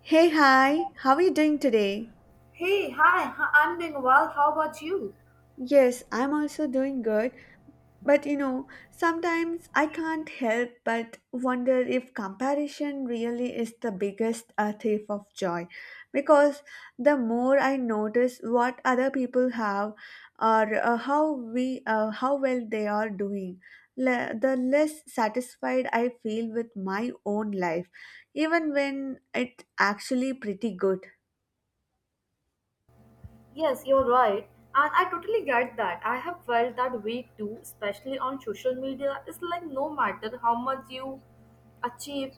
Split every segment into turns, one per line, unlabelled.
Hey, hi, how are you doing today?
Hey, hi, I'm doing well. How about you?
Yes, I'm also doing good, but sometimes I can't help but wonder if comparison really is the biggest thief of joy. Because the more I notice what other people have or how we how well they are doing, the less satisfied I feel with my own life, even when it actually pretty good.
Yes, you're right. And I totally get that. I have felt that way too, especially on social media. It's like no matter how much you achieve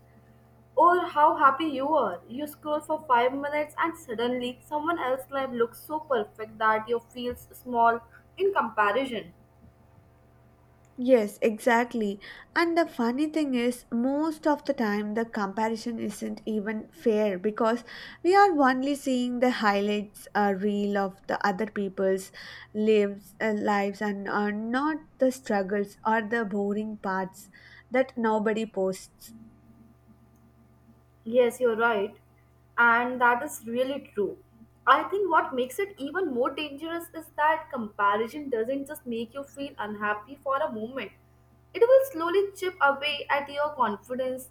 or how happy you are, you scroll for 5 minutes and suddenly someone else's life looks so perfect that you feel small in comparison.
Yes, exactly. And the funny thing is, most of the time, the comparison isn't even fair because we are only seeing the highlights reel of the other people's lives, and not the struggles or the boring parts that nobody posts.
Yes, you're right. And that is really true. I think what makes it even more dangerous is that comparison doesn't just make you feel unhappy for a moment, it will slowly chip away at your confidence,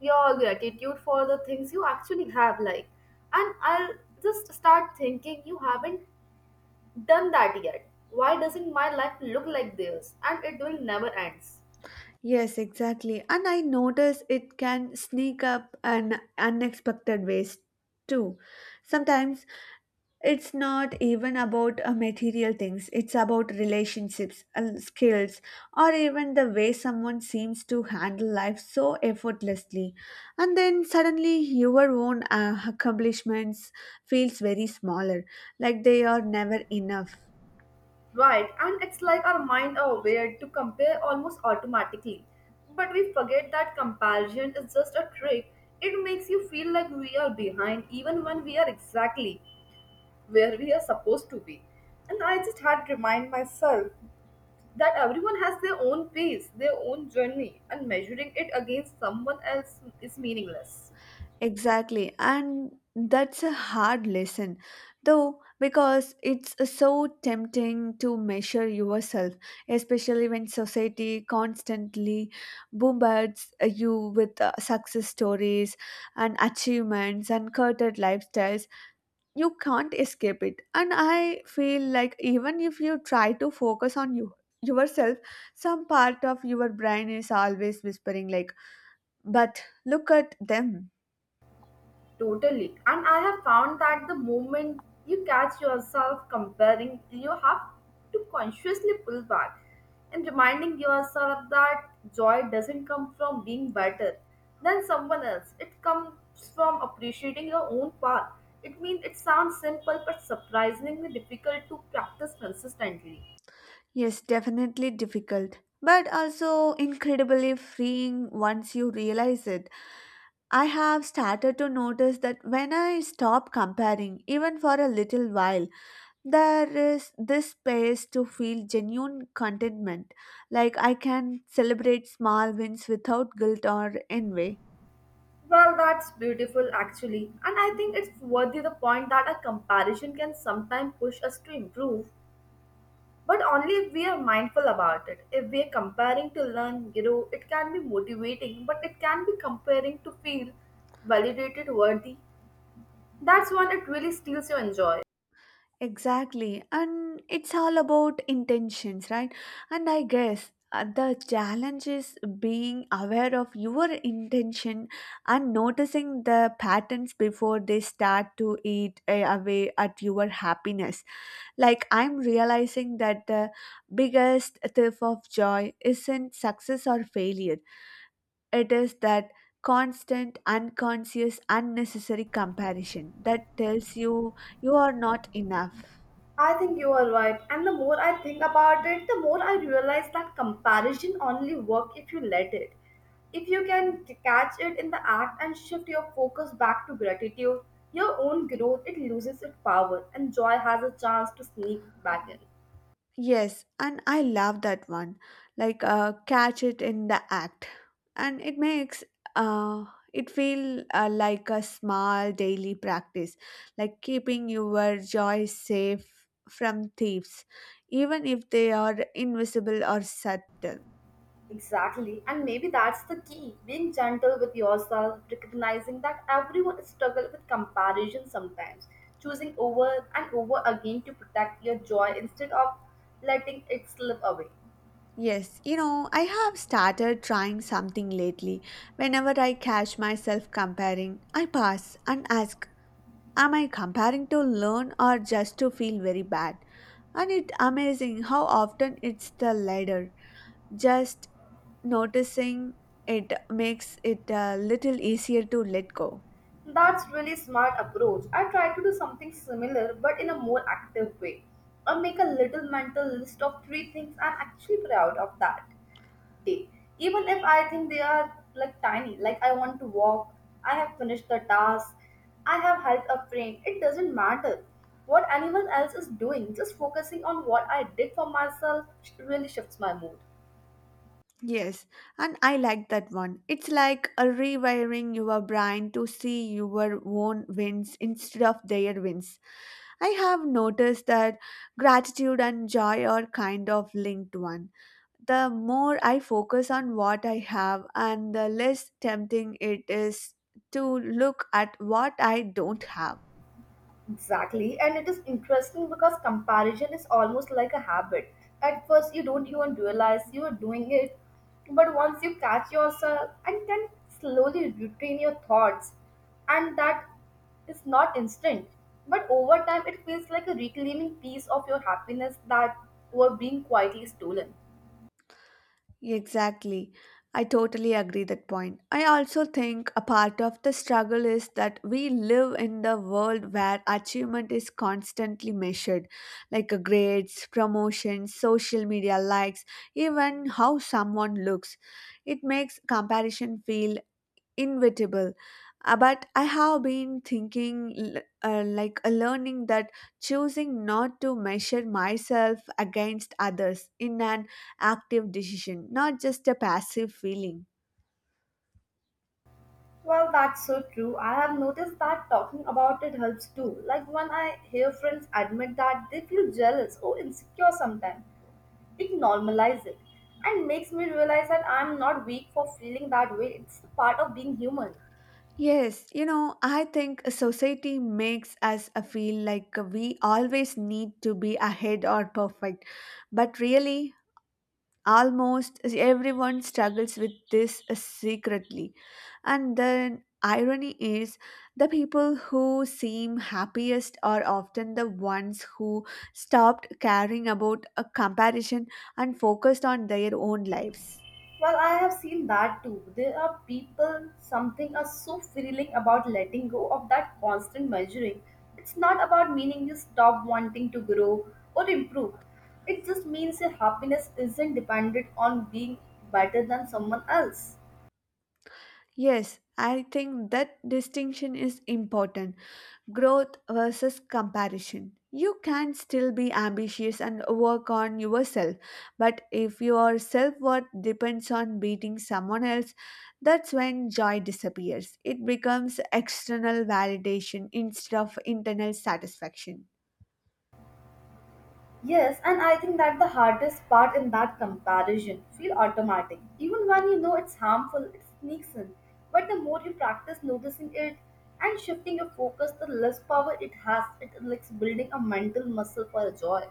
your gratitude for the things you actually have. Like, and I'll just start thinking, you haven't done that yet. Why doesn't my life look like theirs? And it will never ends.
Yes, exactly. And I notice it can sneak up in unexpected ways too. Sometimes it's not even about material things. It's about relationships and skills or even the way someone seems to handle life so effortlessly, and then suddenly your own accomplishments feels very smaller, like they are never enough.
Right, and it's like our mind are wired to compare almost automatically. But we forget that comparison is just a trick. It makes you feel like we are behind even when we are exactly where we are supposed to be. And I just had to remind myself that everyone has their own pace, their own journey, and measuring it against someone else is meaningless.
Exactly, and that's a hard lesson, though, because it's so tempting to measure yourself, especially when society constantly bombards you with success stories and achievements and curated lifestyles. You can't escape it, and I feel like even if you try to focus on yourself, some part of your brain is always whispering like, "But look at them."
Totally. And I have found that the moment you catch yourself comparing, you have to consciously pull back and reminding yourself that joy doesn't come from being better than someone else. It comes from appreciating your own path. It means it sounds simple but surprisingly difficult to practice consistently.
Yes, definitely difficult, but also incredibly freeing once you realize it. I have started to notice that when I stop comparing, even for a little while, there is this space to feel genuine contentment. Like I can celebrate small wins without guilt or envy.
Well, that's beautiful actually, and I think it's worthy the point that a comparison can sometimes push us to improve. But only if we are mindful about it. If we are comparing to learn, grow, it can be motivating, but it can be comparing to feel validated, worthy. That's when it really steals your joy.
Exactly. And it's all about intentions, right? And I guess the challenge is being aware of your intention and noticing the patterns before they start to eat away at your happiness. Like, I'm realizing that the biggest thief of joy isn't success or failure, it is that constant, unconscious, unnecessary comparison that tells you you are not enough.
I think you are right. And the more I think about it, the more I realize that comparison only works if you let it. If you can catch it in the act and shift your focus back to gratitude, your own growth, it loses its power and joy has a chance to sneak back in.
Yes, and I love that one. Like, catch it in the act, and uh, it feel like a small daily practice, like keeping your joy safe from thieves, even if they are invisible or subtle.
Exactly. And maybe that's the key being gentle with yourself, recognizing that everyone struggles with comparison sometimes, choosing over and over again to protect your joy instead of letting it slip away.
Yes, I have started trying something lately. Whenever I catch myself comparing, I pause and ask, am I comparing to learn or just to feel very bad? And it amazing how often it's the latter. Just noticing it makes it a little easier to let go.
That's really smart approach. I try to do something similar but in a more active way. Or make a little mental list of three things I'm actually proud of that day, even if I think they are like tiny. Like I want to walk, I have finished the task, I have helped a friend. It doesn't matter what anyone else is doing. Just focusing on what I did for myself really shifts my mood.
Yes, and I like that one. It's like a rewiring your brain to see your own wins instead of their wins. I have noticed that gratitude and joy are kind of linked one. The more I focus on what I have and the less tempting it is to look at what I don't have.
Exactly, and it is interesting because comparison is almost like a habit. At first, you don't even realize you are doing it, but once you catch yourself and can slowly retrain your thoughts, and that is not instant, but over time, it feels like a reclaiming piece of your happiness that were being quietly stolen.
Exactly. I totally agree that point. I also think a part of the struggle is that we live in the world where achievement is constantly measured, like grades, promotions, social media likes, even how someone looks. It makes comparison feel inevitable. But I have been thinking, like learning that choosing not to measure myself against others in an active decision, not just a passive feeling.
Well, that's so true. I have noticed that talking about it helps too. Like when I hear friends admit that they feel jealous or insecure sometimes, it normalizes it and makes me realize that I'm not weak for feeling that way. It's part of being human.
Yes, I think society makes us feel like we always need to be ahead or perfect, but really almost everyone struggles with this secretly. And the irony is, the people who seem happiest are often the ones who stopped caring about a comparison and focused on their own lives.
Well, I have seen that too. There are people, something are so feeling about letting go of that constant measuring. It's not about meaning you stop wanting to grow or improve. It just means your happiness isn't dependent on being better than someone else.
Yes, I think that distinction is important. Growth versus comparison. You can still be ambitious and work on yourself, but if your self worth depends on beating someone else, that's when joy disappears. It becomes external validation instead of internal satisfaction.
Yes, and I think that the hardest part in that comparison feel automatic. Even when you know it's harmful, it sneaks in. But the more you practice noticing it and shifting your focus, the less power it has. It likes building a mental muscle for joy.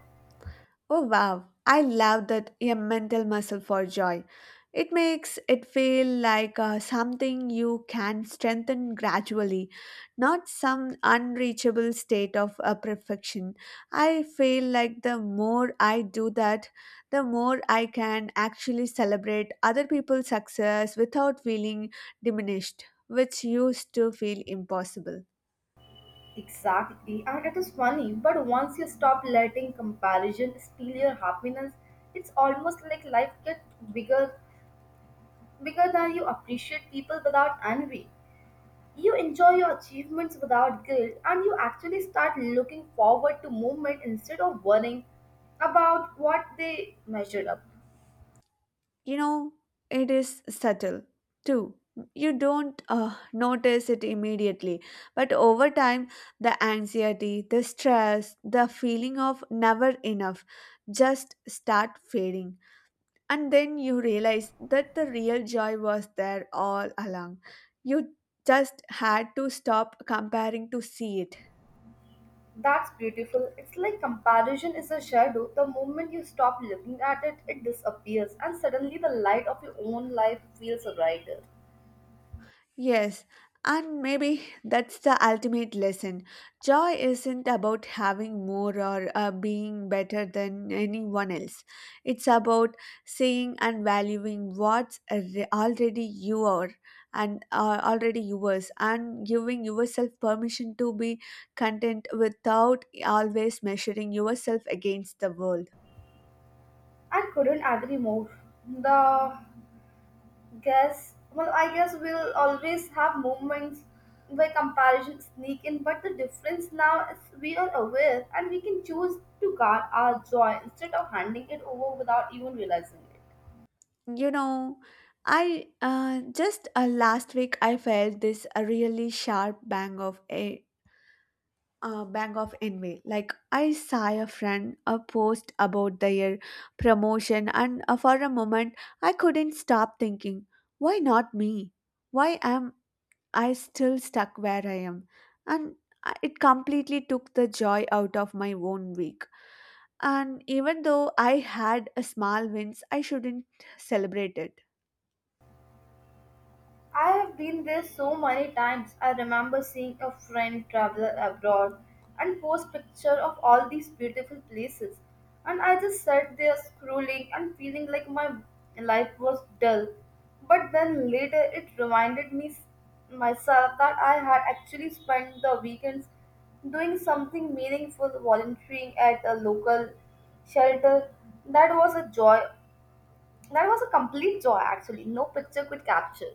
Oh wow, I love that, a mental muscle for joy. It makes it feel like something you can strengthen gradually, not some unreachable state of perfection. I feel like the more I do that, the more I can actually celebrate other people's success without feeling diminished, which used to feel impossible.
Exactly, and it is funny, but once you stop letting comparison steal your happiness, it's almost like life gets bigger, bigger than you appreciate people without envy. You enjoy your achievements without guilt and you actually start looking forward to movement instead of worrying about what they measured up.
You know, it is subtle too. You don't notice it immediately, but over time, the anxiety, the stress, the feeling of never enough just start fading. And then you realize that the real joy was there all along. You just had to stop comparing to see it.
That's beautiful. It's like comparison is a shadow. The moment you stop looking at it, it disappears, and suddenly the light of your own life feels brighter.
Yes, and maybe that's the ultimate lesson. Joy isn't about having more or being better than anyone else. It's about seeing and valuing what's already you are and already yours and giving yourself permission to be content without always measuring yourself against the world.
I couldn't agree more. The guess, well, I guess we'll always have moments where comparison sneak in, but the difference now is we are aware and we can choose to guard our joy instead of handing it over without even realizing it.
You know, I just last week I felt this really sharp bang of a bang of envy. Like I saw a post about their promotion, and for a moment I couldn't stop thinking, why not me? Why am I still stuck where I am? And it completely took the joy out of my own week. And even though I had a small wins, I shouldn't celebrate it.
I have been there so many times. I remember seeing a friend travel abroad and post picture of all these beautiful places. And I just sat there scrolling and feeling like my life was dull. But then later it reminded me myself that I had actually spent the weekends doing something meaningful, volunteering at a local shelter. That was a joy. That was a complete joy actually. No picture could capture.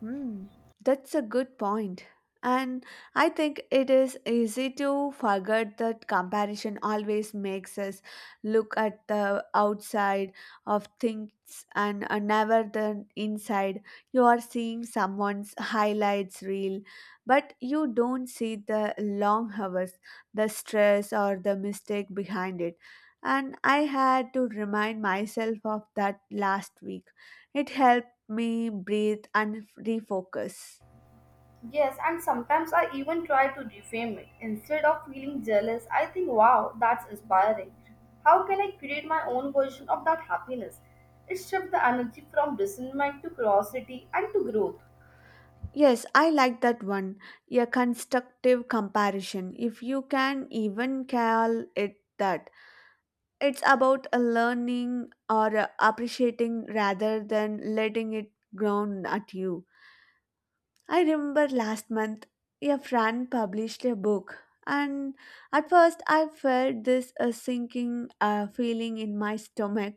Hmm, that's a good point. And I think it is easy to forget that comparison always makes us look at the outside of things and never the inside. You are seeing someone's highlights reel, but you don't see the long hours, the stress, or the mistake behind it. And I had to remind myself of that last week. It helped me breathe and refocus.
Yes, and sometimes I even try to reframe it. Instead of feeling jealous, I think, wow, that's inspiring. How can I create my own version of that happiness? It shifts the energy from resentment to curiosity and to growth.
Yes, I like that one. A constructive comparison, if you can even call it that. It's about a learning or a appreciating rather than letting it ground at you. I remember last month a friend published a book, and at first I felt this a sinking feeling in my stomach.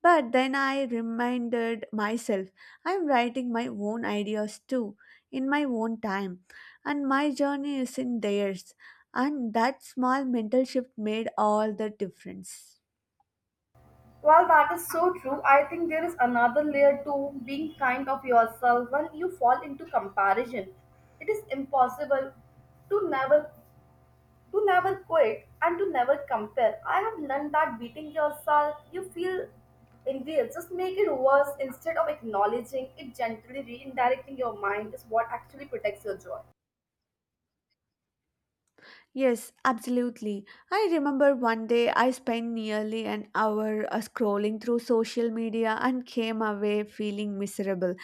But then I reminded myself I'm writing my own ideas too, in my own time, and my journey is in theirs. And that small mental shift made all the difference.
While that is so true, I think there is another layer to being kind of yourself when you fall into comparison. It is impossible to never quit and to never compare. I have learned that beating yourself, you feel envious, just make it worse instead of acknowledging it gently, redirecting your mind is what actually protects your joy.
Yes, absolutely. I remember one day I spent nearly an hour scrolling through social media and came away feeling miserable.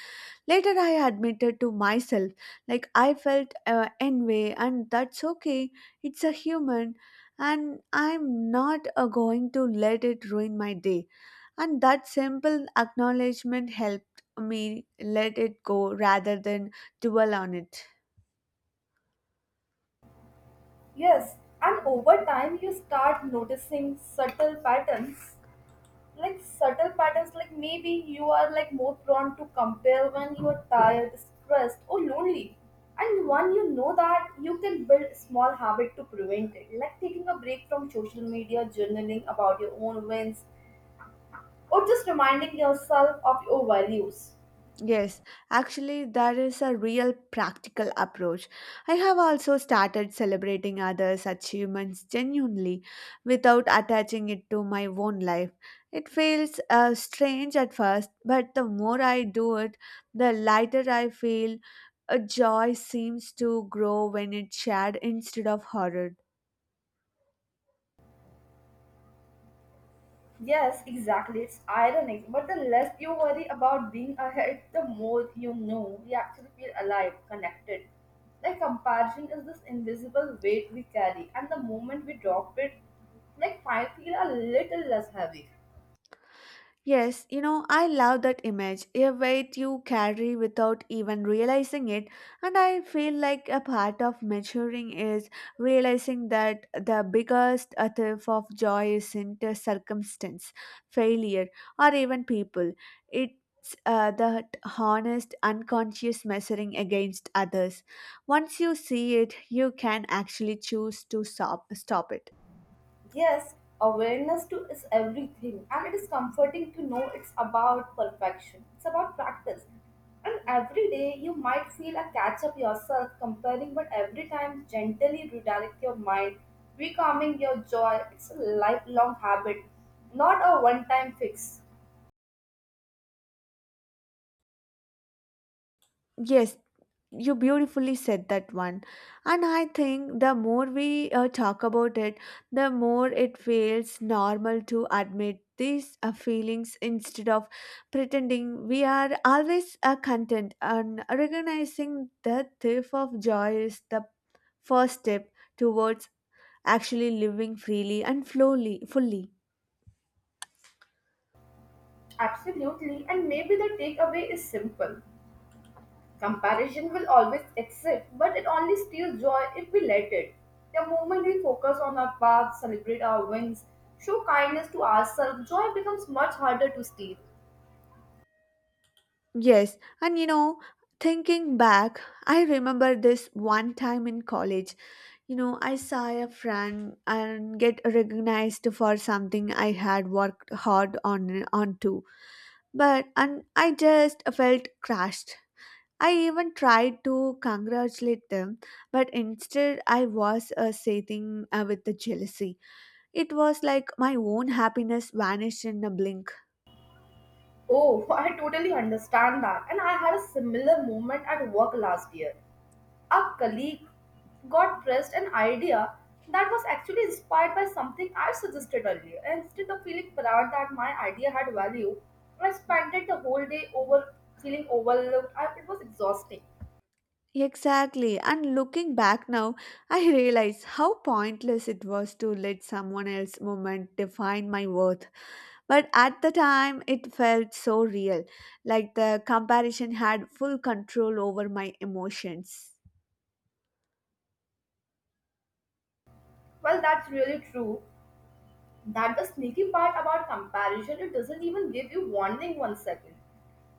Later, I admitted to myself, like I felt envy, and that's okay. It's a human, and I'm not going to let it ruin my day. And that simple acknowledgement helped me let it go rather than dwell on it.
Yes, and over time you start noticing subtle patterns like maybe you are like more prone to compare when you are tired, stressed or lonely, and one, you know that you can build small habit to prevent it, like taking a break from social media, journaling about your own wins, or just reminding yourself of your values.
Yes, actually, that is a real practical approach. I have also started celebrating others' achievements genuinely without attaching it to my own life. It feels strange at first, but the more I do it, the lighter I feel. A joy seems to grow when it's shared instead of hoarded.
Yes, exactly. It's ironic. But the less you worry about being ahead, the more you know we actually feel alive, connected. Like comparison is this invisible weight we carry, and the moment we drop it, like I feel a little less heavy.
Yes, I love that image, a weight you carry without even realizing it. And I feel like a part of maturing is realizing that the biggest thief of joy isn't a circumstance, failure, or even people. It's that honest, unconscious measuring against others. Once you see it, you can actually choose to stop it.
Yes, awareness too is everything, and it is comforting to know it's about perfection. It's about practice. And every day you might feel a catch up yourself comparing, but every time gently redirect your mind, recalming your joy. It's a lifelong habit, not a one time fix.
Yes, you beautifully said that one. And I think the more we talk about it, the more it feels normal to admit these feelings instead of pretending we are always content, and recognizing the thrift of joy is the first step towards actually living freely and slowly, fully.
Absolutely, and maybe the takeaway is simple. Comparison will always exist, but it only steals joy if we let it. The moment we focus on our path, celebrate our wins, show kindness to ourselves, joy becomes much harder to steal.
Yes, and thinking back, I remember this one time in college. I saw a friend and get recognized for something I had worked hard on, but and I just felt crushed. I even tried to congratulate them, but instead I was seething with the jealousy. It was like my own happiness vanished in a blink.
Oh, I totally understand that. And I had a similar moment at work last year. A colleague got pressed an idea that was actually inspired by something I suggested earlier. And instead of feeling proud that my idea had value, I spent the whole day over feeling overlooked. It was exhausting.
Exactly, and looking back now, I realize how pointless it was to let someone else's moment define my worth. But at the time, it felt so real, like the comparison had full control over my emotions.
Well, that's really true. That the sneaky part about comparison, it doesn't even give you warning 1 second.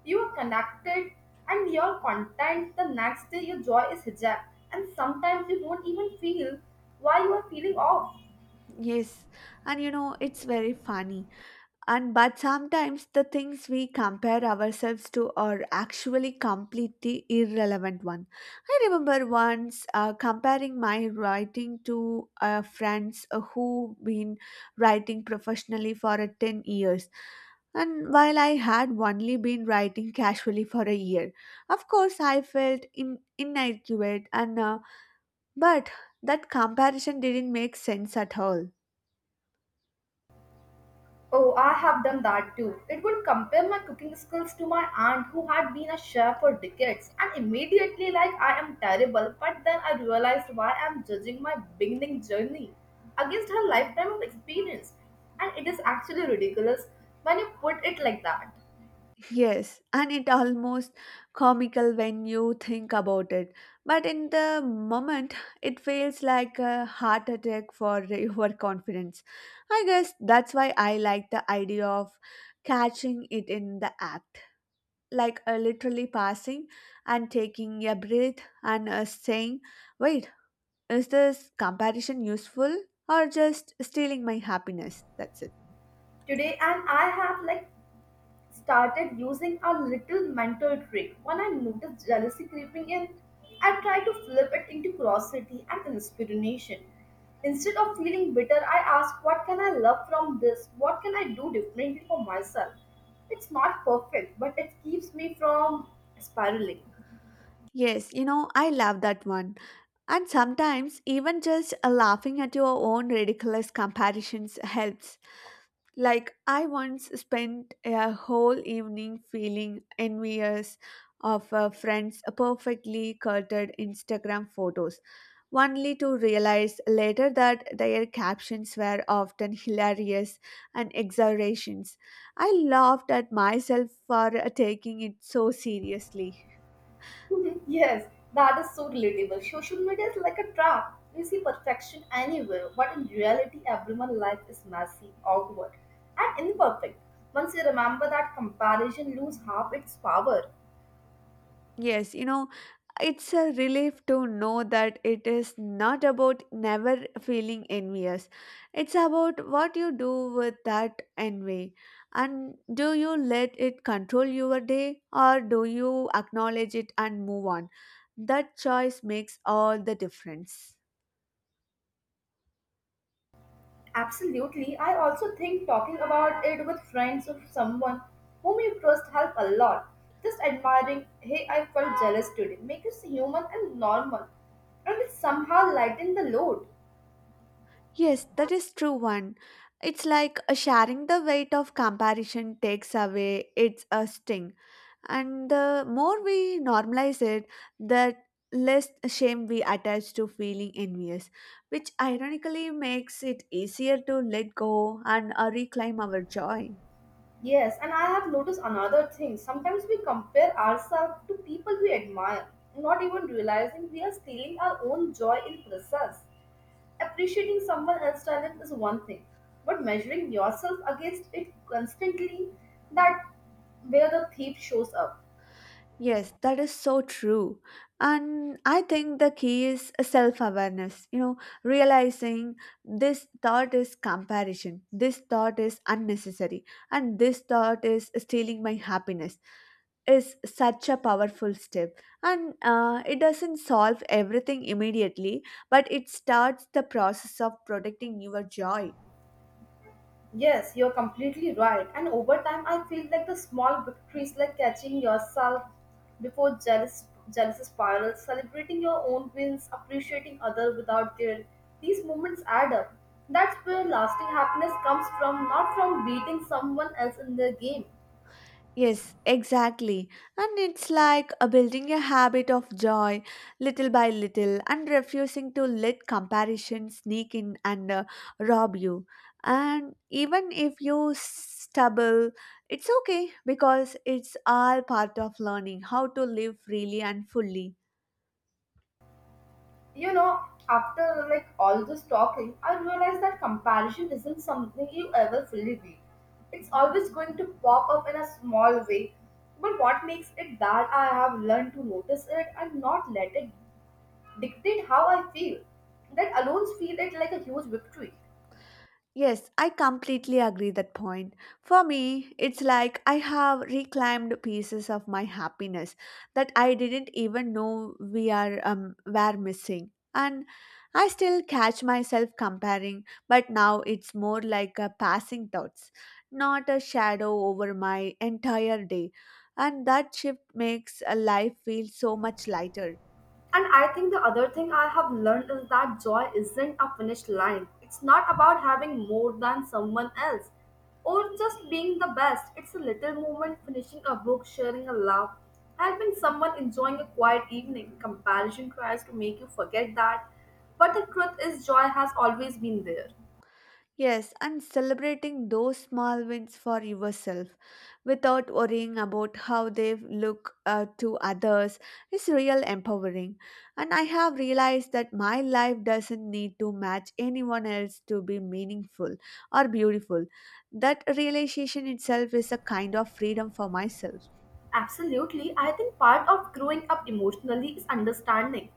You are connected and your content. The next day, your joy is hijacked, and sometimes you don't even feel why you are feeling off.
Yes, and it's very funny and but sometimes the things we compare ourselves to are actually completely irrelevant one. I remember once comparing my writing to friends who been writing professionally for 10 years, and while I had only been writing casually for a year, of course I felt inadequate, and but that comparison didn't make sense at all.
Oh, I have done that too. It would compare my cooking skills to my aunt who had been a chef for decades and immediately like I am terrible, but then I realized why I am judging my beginning journey against her lifetime of experience. And it is actually ridiculous when you put it like that.
Yes, and it almost comical when you think about it. But in the moment, it feels like a heart attack for your confidence. I guess that's why I like the idea of catching it in the act, like, literally passing and taking a breath and saying, wait, is this comparison useful or just stealing my happiness? That's it.
Today and I have like started using a little mental trick when I noticed jealousy creeping in. I tried to flip it into curiosity and inspiration. Instead of feeling bitter, I asked, what can I love from this? What can I do differently for myself? It's not perfect, but it keeps me from spiraling.
Yes, I love that one. And sometimes, even just laughing at your own ridiculous comparisons helps. Like, I once spent a whole evening feeling envious of a friend's perfectly curated Instagram photos, only to realize later that their captions were often hilarious and exaggerations. I laughed at myself for taking it so seriously.
Yes, that is so relatable. Social media is like a trap. You see perfection anywhere, but in reality, everyone's life is messy, awkward, and imperfect. Once you remember that, comparison lose half its power.
Yes, you know, it's a relief to know that it is not about never feeling envious. It's about what you do with that envy. And do you let it control your day, or do you acknowledge it and move on? That choice makes all the difference.
Absolutely, I also think talking about it with friends or someone whom you trust help a lot. Just admiring, hey, I felt jealous today, make us human and normal, and it somehow lighten the load.
Yes, that is true one. It's like sharing the weight of comparison takes away its sting, and the more we normalize it, the less shame we attach to feeling envious, which ironically makes it easier to let go and reclaim our joy.
Yes, and I have noticed another thing. Sometimes we compare ourselves to people we admire, not even realizing we are stealing our own joy in process. Appreciating someone else's talent is one thing, but measuring yourself against it constantly, that where the thief shows up.
Yes, that is so true. And I think the key is self awareness, you know, realizing this thought is comparison, this thought is unnecessary, and this thought is stealing my happiness is such a powerful step. And it doesn't solve everything immediately, but it starts the process of protecting your joy.
Yes, you're completely right. And over time, I feel like the small victories, like catching yourself before jealousy spirals, celebrating your own wins, appreciating others without guilt, these moments add up. That's where lasting happiness comes from, not from beating someone else in the game.
Yes, exactly. And it's like building a habit of joy little by little and refusing to let comparison sneak in and rob you. And even if you stumble, it's okay, because it's all part of learning how to live freely and fully.
You know, after like all this talking, I realized that comparison isn't something you ever fully beat. It's always going to pop up in a small way. But what makes it that I have learned to notice it and not let it dictate how I feel? That alone feel it like a huge victory.
Yes, I completely agree that point. For me, it's like I have reclaimed pieces of my happiness that I didn't even know we are were missing. And I still catch myself comparing, but now it's more like a passing thoughts, not a shadow over my entire day. And that shift makes a life feel so much lighter.
And I think the other thing I have learned is that joy isn't a finish line. It's not about having more than someone else or just being the best. It's a little moment finishing a book, sharing a laugh, helping someone enjoying a quiet evening. Comparison tries to make you forget that. But the truth is, joy has always been there.
Yes, and celebrating those small wins for yourself without worrying about how they look to others is real empowering. And I have realized that my life doesn't need to match anyone else to be meaningful or beautiful. That realization itself is a kind of freedom for myself.
Absolutely, I think part of growing up emotionally is understanding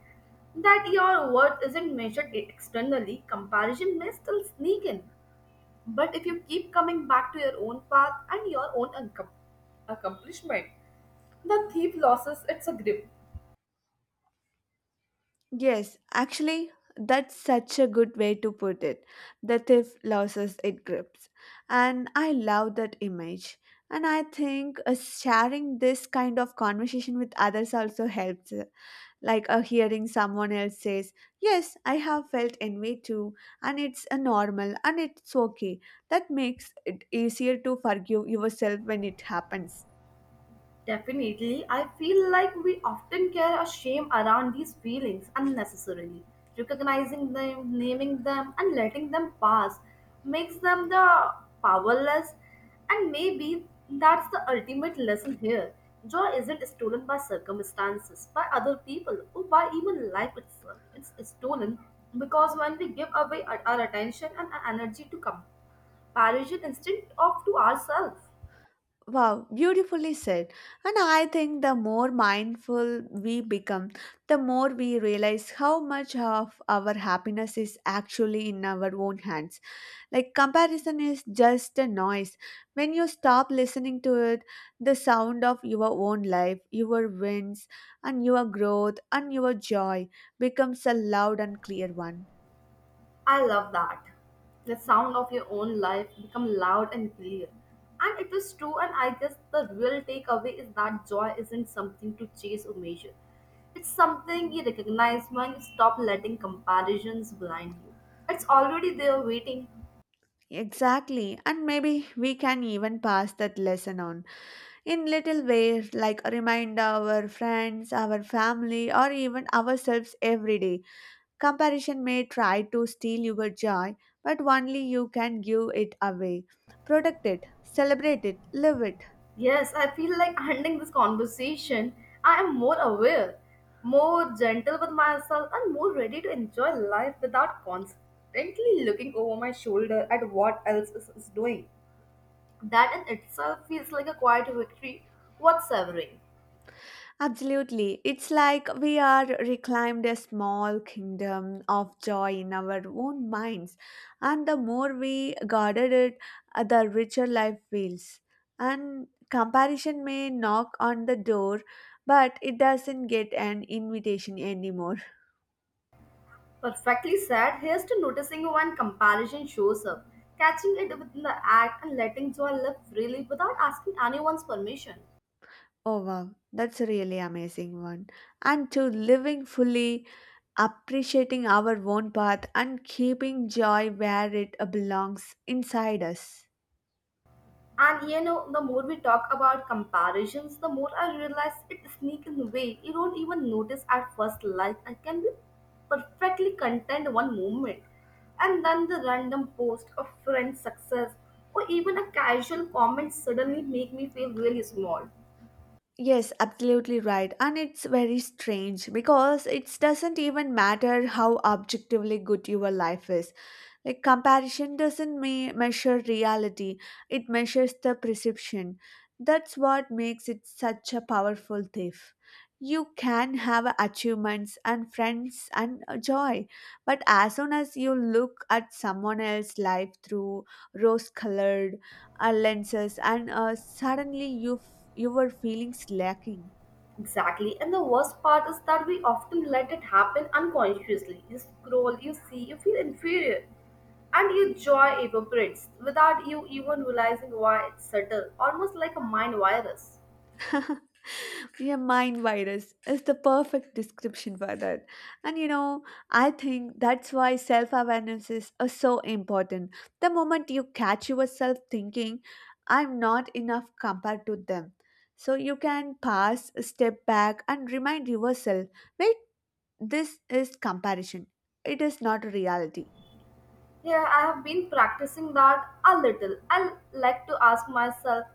that your worth isn't measured externally. Comparison may still sneak in, but if you keep coming back to your own path and your own accomplishment, the thief loses its grip.
Yes, actually, that's such a good way to put it. The thief loses its grips. And I love that image. And I think sharing this kind of conversation with others also helps. Like hearing someone else says, yes, I have felt envy too, and it's a normal and it's okay. That makes it easier to forgive yourself when it happens.
Definitely, I feel like we often carry a shame around these feelings unnecessarily. Recognizing them, naming them, and letting them pass makes them the powerless, and maybe that's the ultimate lesson here. Joy isn't stolen by circumstances, by other people, or by even life itself. It's stolen because when we give away our attention and our energy to comparison instead of to ourselves.
Wow, beautifully said. And I think the more mindful we become, the more we realize how much of our happiness is actually in our own hands. Like comparison is just a noise. When you stop listening to it, the sound of your own life, your wins, and your growth and your joy becomes a loud and clear one.
I love that. The sound of your own life become loud and clear. And it is true, and I guess the real takeaway is that joy isn't something to chase or measure. It's something you recognize when you stop letting comparisons blind you. It's already there waiting.
Exactly, and maybe we can even pass that lesson on, in little ways, like remind our friends, our family, or even ourselves every day, comparison may try to steal your joy, but only you can give it away. Protect it, celebrate it, live it.
Yes, I feel like ending this conversation. I am more aware, more gentle with myself, and more ready to enjoy life without constantly looking over my shoulder at what else is doing. That in itself feels like a quiet victory worth savoring.
Absolutely. It's like we are reclaimed a small kingdom of joy in our own minds. And the more we guarded it, the richer life feels. And comparison may knock on the door, but it doesn't get an invitation anymore.
Perfectly said, here's to noticing when comparison shows up, catching it within the act, and letting joy live freely without asking anyone's permission.
Oh wow, that's a really amazing one. And to living fully, appreciating our own path, and keeping joy where it belongs inside us.
And you know, the more we talk about comparisons, the more I realize it sneaks in a way you don't even notice at first. Like I can be perfectly content one moment, and then the random post of friend's success or even a casual comment suddenly make me feel really small.
Yes, absolutely right. And it's very strange, because it doesn't even matter how objectively good your life is. Like comparison doesn't measure reality, it measures the perception. That's what makes it such a powerful thief. You can have achievements and friends and joy, but as soon as you look at someone else's life through rose colored lenses and suddenly you your feelings lacking.
Exactly. And the worst part is that we often let it happen unconsciously. You scroll, you see, you feel inferior. And your joy evaporates without you even realizing why. It's subtle, almost like a mind virus.
Yeah, mind virus is the perfect description for that. And you know, I think that's why self awareness is so important. The moment you catch yourself thinking, I'm not enough compared to them. So you can pass a step back and remind yourself, wait, this is comparison, it is not reality.
Yeah, I have been practicing that a little. I like to ask myself,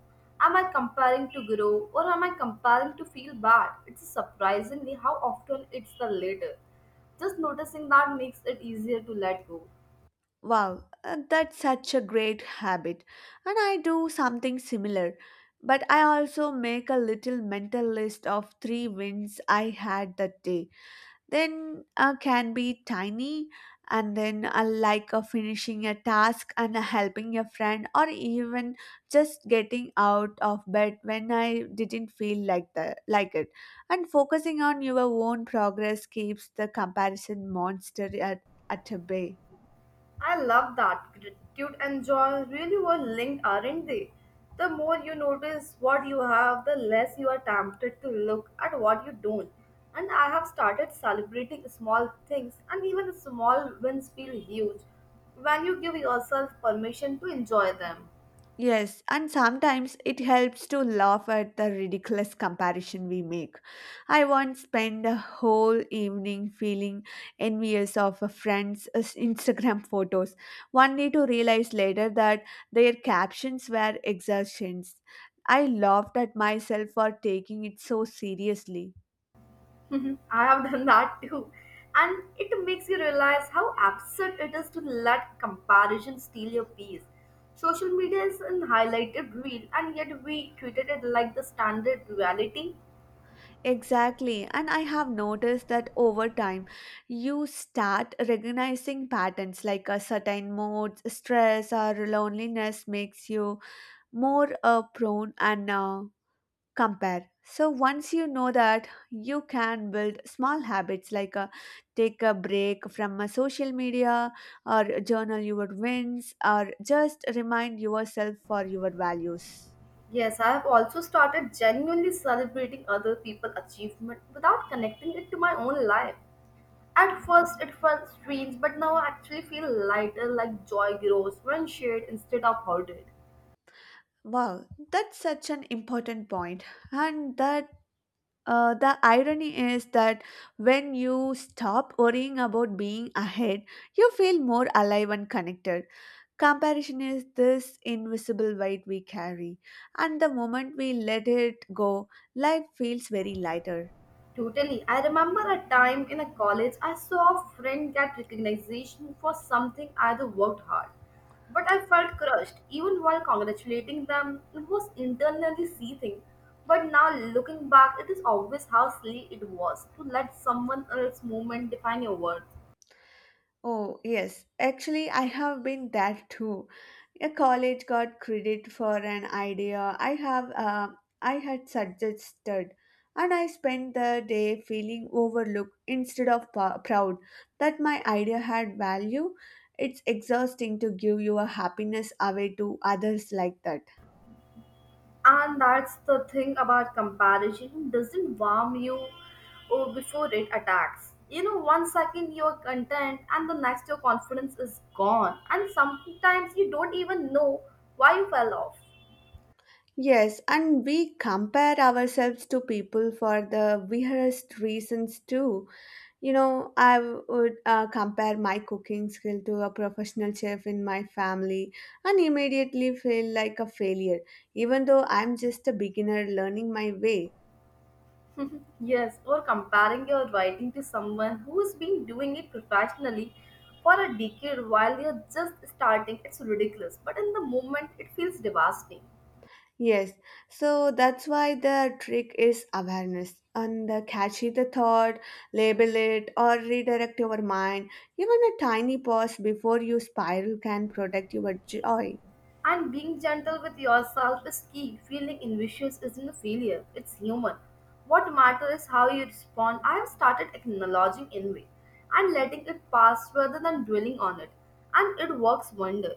am I comparing to grow or am I comparing to feel bad? It's surprisingly how often it's the latter. Just noticing that makes it easier to let go.
Wow, that's such a great habit. And I do something similar. But I also make a little mental list of three wins I had that day. Then can be tiny, and then I like a finishing a task and a helping a friend, or even just getting out of bed when I didn't feel like the like it. And focusing on your own progress keeps the comparison monster at a bay.
I love that. Gratitude and joy really were linked, aren't they? The more you notice what you have, the less you are tempted to look at what you don't. And I have started celebrating small things, and even small wins feel huge when you give yourself permission to enjoy them.
Yes, and sometimes it helps to laugh at the ridiculous comparison we make. I once spent a whole evening feeling envious of a friend's Instagram photos, only to realize later that their captions were exertions. I laughed at myself for taking it so seriously.
Mhm. I have done that too. And it makes you realize how absurd it is to let comparison steal your peace. Social media is an highlighted reel, and yet we treated it like the standard reality.
Exactly. And I have noticed that over time, you start recognizing patterns, like a certain mood, stress, or loneliness makes you more prone and compare. So once you know that, you can build small habits, like take a break from social media or journal your wins or just remind yourself for your values.
Yes, I have also started genuinely celebrating other people's achievement without connecting it to my own life. At first, it felt strange, but now I actually feel lighter, like joy grows when shared instead of hoarded.
Wow, that's such an important point. And that the irony is that when you stop worrying about being ahead, you feel more alive and connected. Comparison is this invisible weight we carry, and the moment we let it go, life feels very lighter.
Totally. I remember a time in a college I saw a friend get recognition for something either worked hard. But I felt crushed even while congratulating them. It was internally seething. But now looking back, it is obvious how silly it was to let someone else's moment define your worth.
Oh, yes. Actually, I have been that too. A college got credit for an idea I had suggested, and I spent the day feeling overlooked instead of proud that my idea had value. It's exhausting to give your happiness away to others like that.
And that's the thing about comparison doesn't warm you oh, before it attacks. You know, one second you're content, and the next your confidence is gone, and sometimes you don't even know why you fell off.
Yes, and we compare ourselves to people for the weirdest reasons too. You know, I would compare my cooking skill to a professional chef in my family and immediately feel like a failure, even though I'm just a beginner learning my way.
Yes, or comparing your writing to someone who's been doing it professionally for a decade while you're just starting, it's ridiculous. But in the moment, it feels devastating.
Yes, so that's why the trick is awareness and the catchy the thought, label it, or redirect your mind. Even a tiny pause before you spiral can protect your joy.
And being gentle with yourself is key. Feeling ambitious isn't a failure, it's human. What matters is how you respond. I have started acknowledging envy and letting it pass rather than dwelling on it. And it works wonder.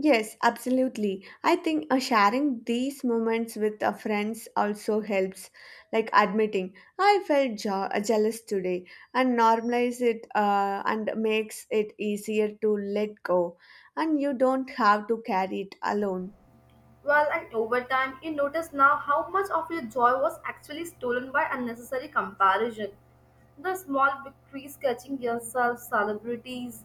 Yes, absolutely. I think sharing these moments with friends also helps, like admitting I felt jealous today, and normalize it and makes it easier to let go, and you don't have to carry it alone.
Well, and over time, you notice now how much of your joy was actually stolen by unnecessary comparison, the small victories, catching yourself celebrities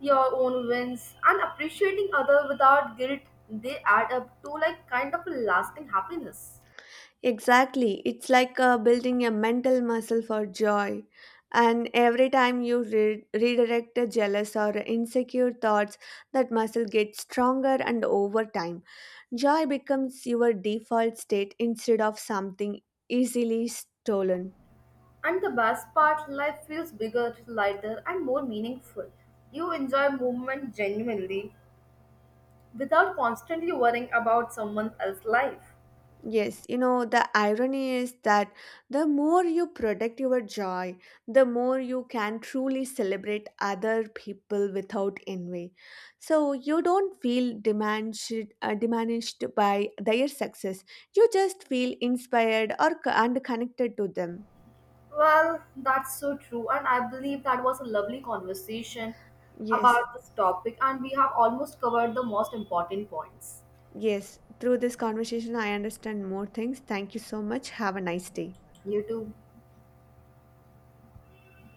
your own wins and appreciating other without guilt. They add up to like kind of a lasting happiness.
Exactly. It's like building a mental muscle for joy. And every time you redirect a jealous or insecure thoughts, that muscle gets stronger and over time. Joy becomes your default state instead of something easily stolen.
And the best part, life feels bigger, lighter and more meaningful. You enjoy movement genuinely without constantly worrying about someone else's life.
Yes, you know, the irony is that the more you protect your joy, the more you can truly celebrate other people without envy. So you don't feel diminished, diminished by their success. You just feel inspired or and connected to them.
Well, that's so true, and I believe that was a lovely conversation
Yes,
about this topic, and we have almost covered the most important points.
yes. Through this conversation, I understand more things. Thank you so much. Have a nice day.
You too.